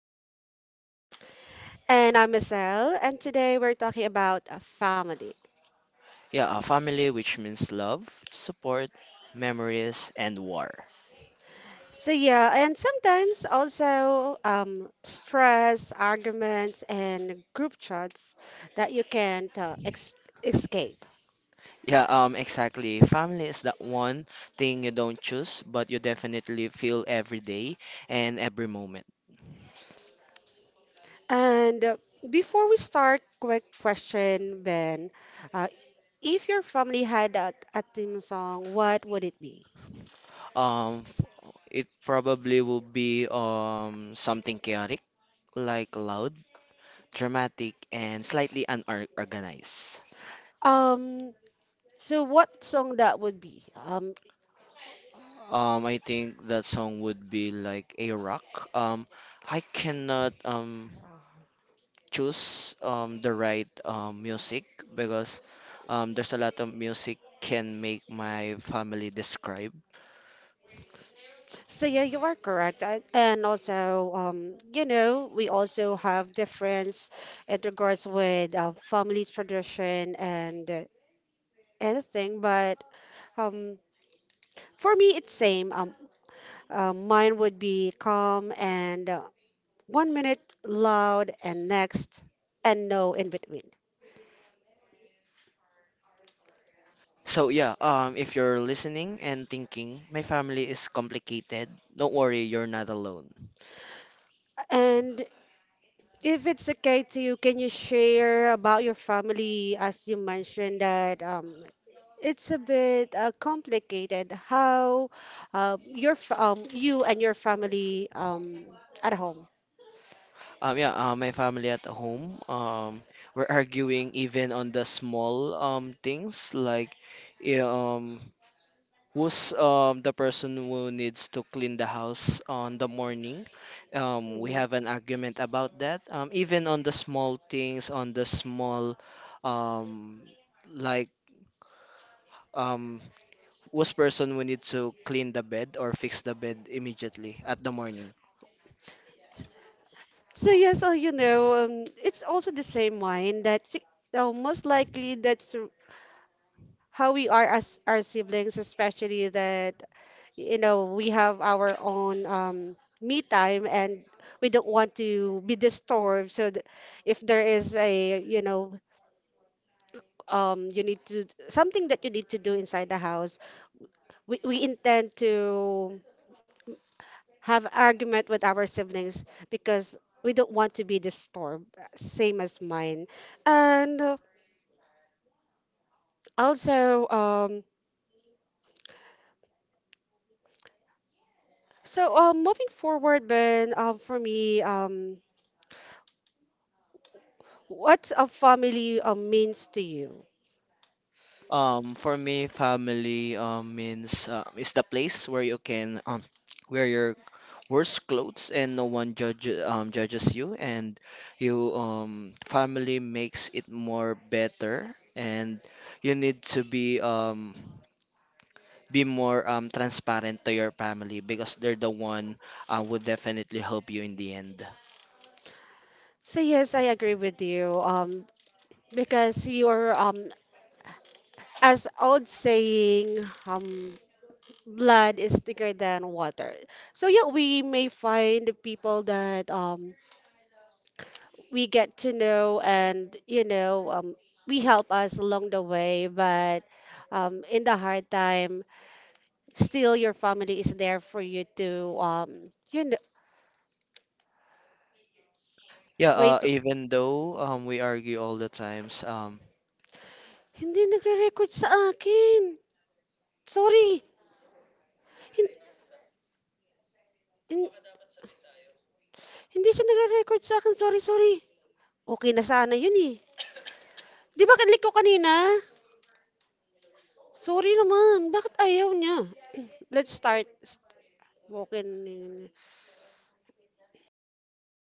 I'm Ben. And I'm Michelle, and today we're talking about family. Yeah, a family which means love, support, memories, and war. And sometimes also stress, arguments, and group chats that you can't escape. Yeah, exactly. Family is that one thing you don't choose, but you definitely feel every day and every moment. And Before we start, quick question, Ben. Uh, if your family had a theme song, what would it be? Um, it probably will be something chaotic, like loud, dramatic, and slightly unorganized. Um, so what song that would be? I think that song would be like a rock. Um, I cannot choose the right music because there's a lot of music can make my family describe. So yeah, you are correct. And also, you know, we also have difference in regards with family tradition and anything. But um, for me, it's same. Mine would be calm and one minute loud and next, and no in between. So if you're listening and thinking my family is complicated, don't worry, you're not alone. And if it's okay to you, can you share about your family, as you mentioned that it's a bit complicated how you and your family at home. Yeah, my family at home, we're arguing even on the small things like, yeah, um, who's the person who needs to clean the house on the morning. We Mhm. have an argument about that. Even on the small things, on the small, um, like um, whose person we need to clean the bed or fix the bed immediately at the morning. So yes, you know, it's also the same wine that most likely that's how we are as our siblings, especially that you know we have our own me time and we don't want to be disturbed. If there is, a you know, you need to something that you need to do inside the house, we intend to have argument with our siblings because we don't want to be disturbed. Same as mine, and also so moving forward, Ben, for me. What's a family means to you? For me, family means is the place where you can wear your worst clothes and no one judges you, and you family makes it more better, and you need to be more transparent to your family because they're the one would definitely help you in the end. So yes, I agree with you. Because you're, as old saying, blood is thicker than water. So yeah, we may find people that we get to know, and we help us along the way. But in the hard time, still your family is there for you to, Yeah, wait. even though we argue all the times, Hindi nagre-record sa akin. Sorry. Hin- hindi siya nagre-record sa akin. Sorry, sorry. Okay na sana yun eh. Di ba kanlik ko kanina? Sorry naman. Bakit ayaw niya? Let's start. St- Walking.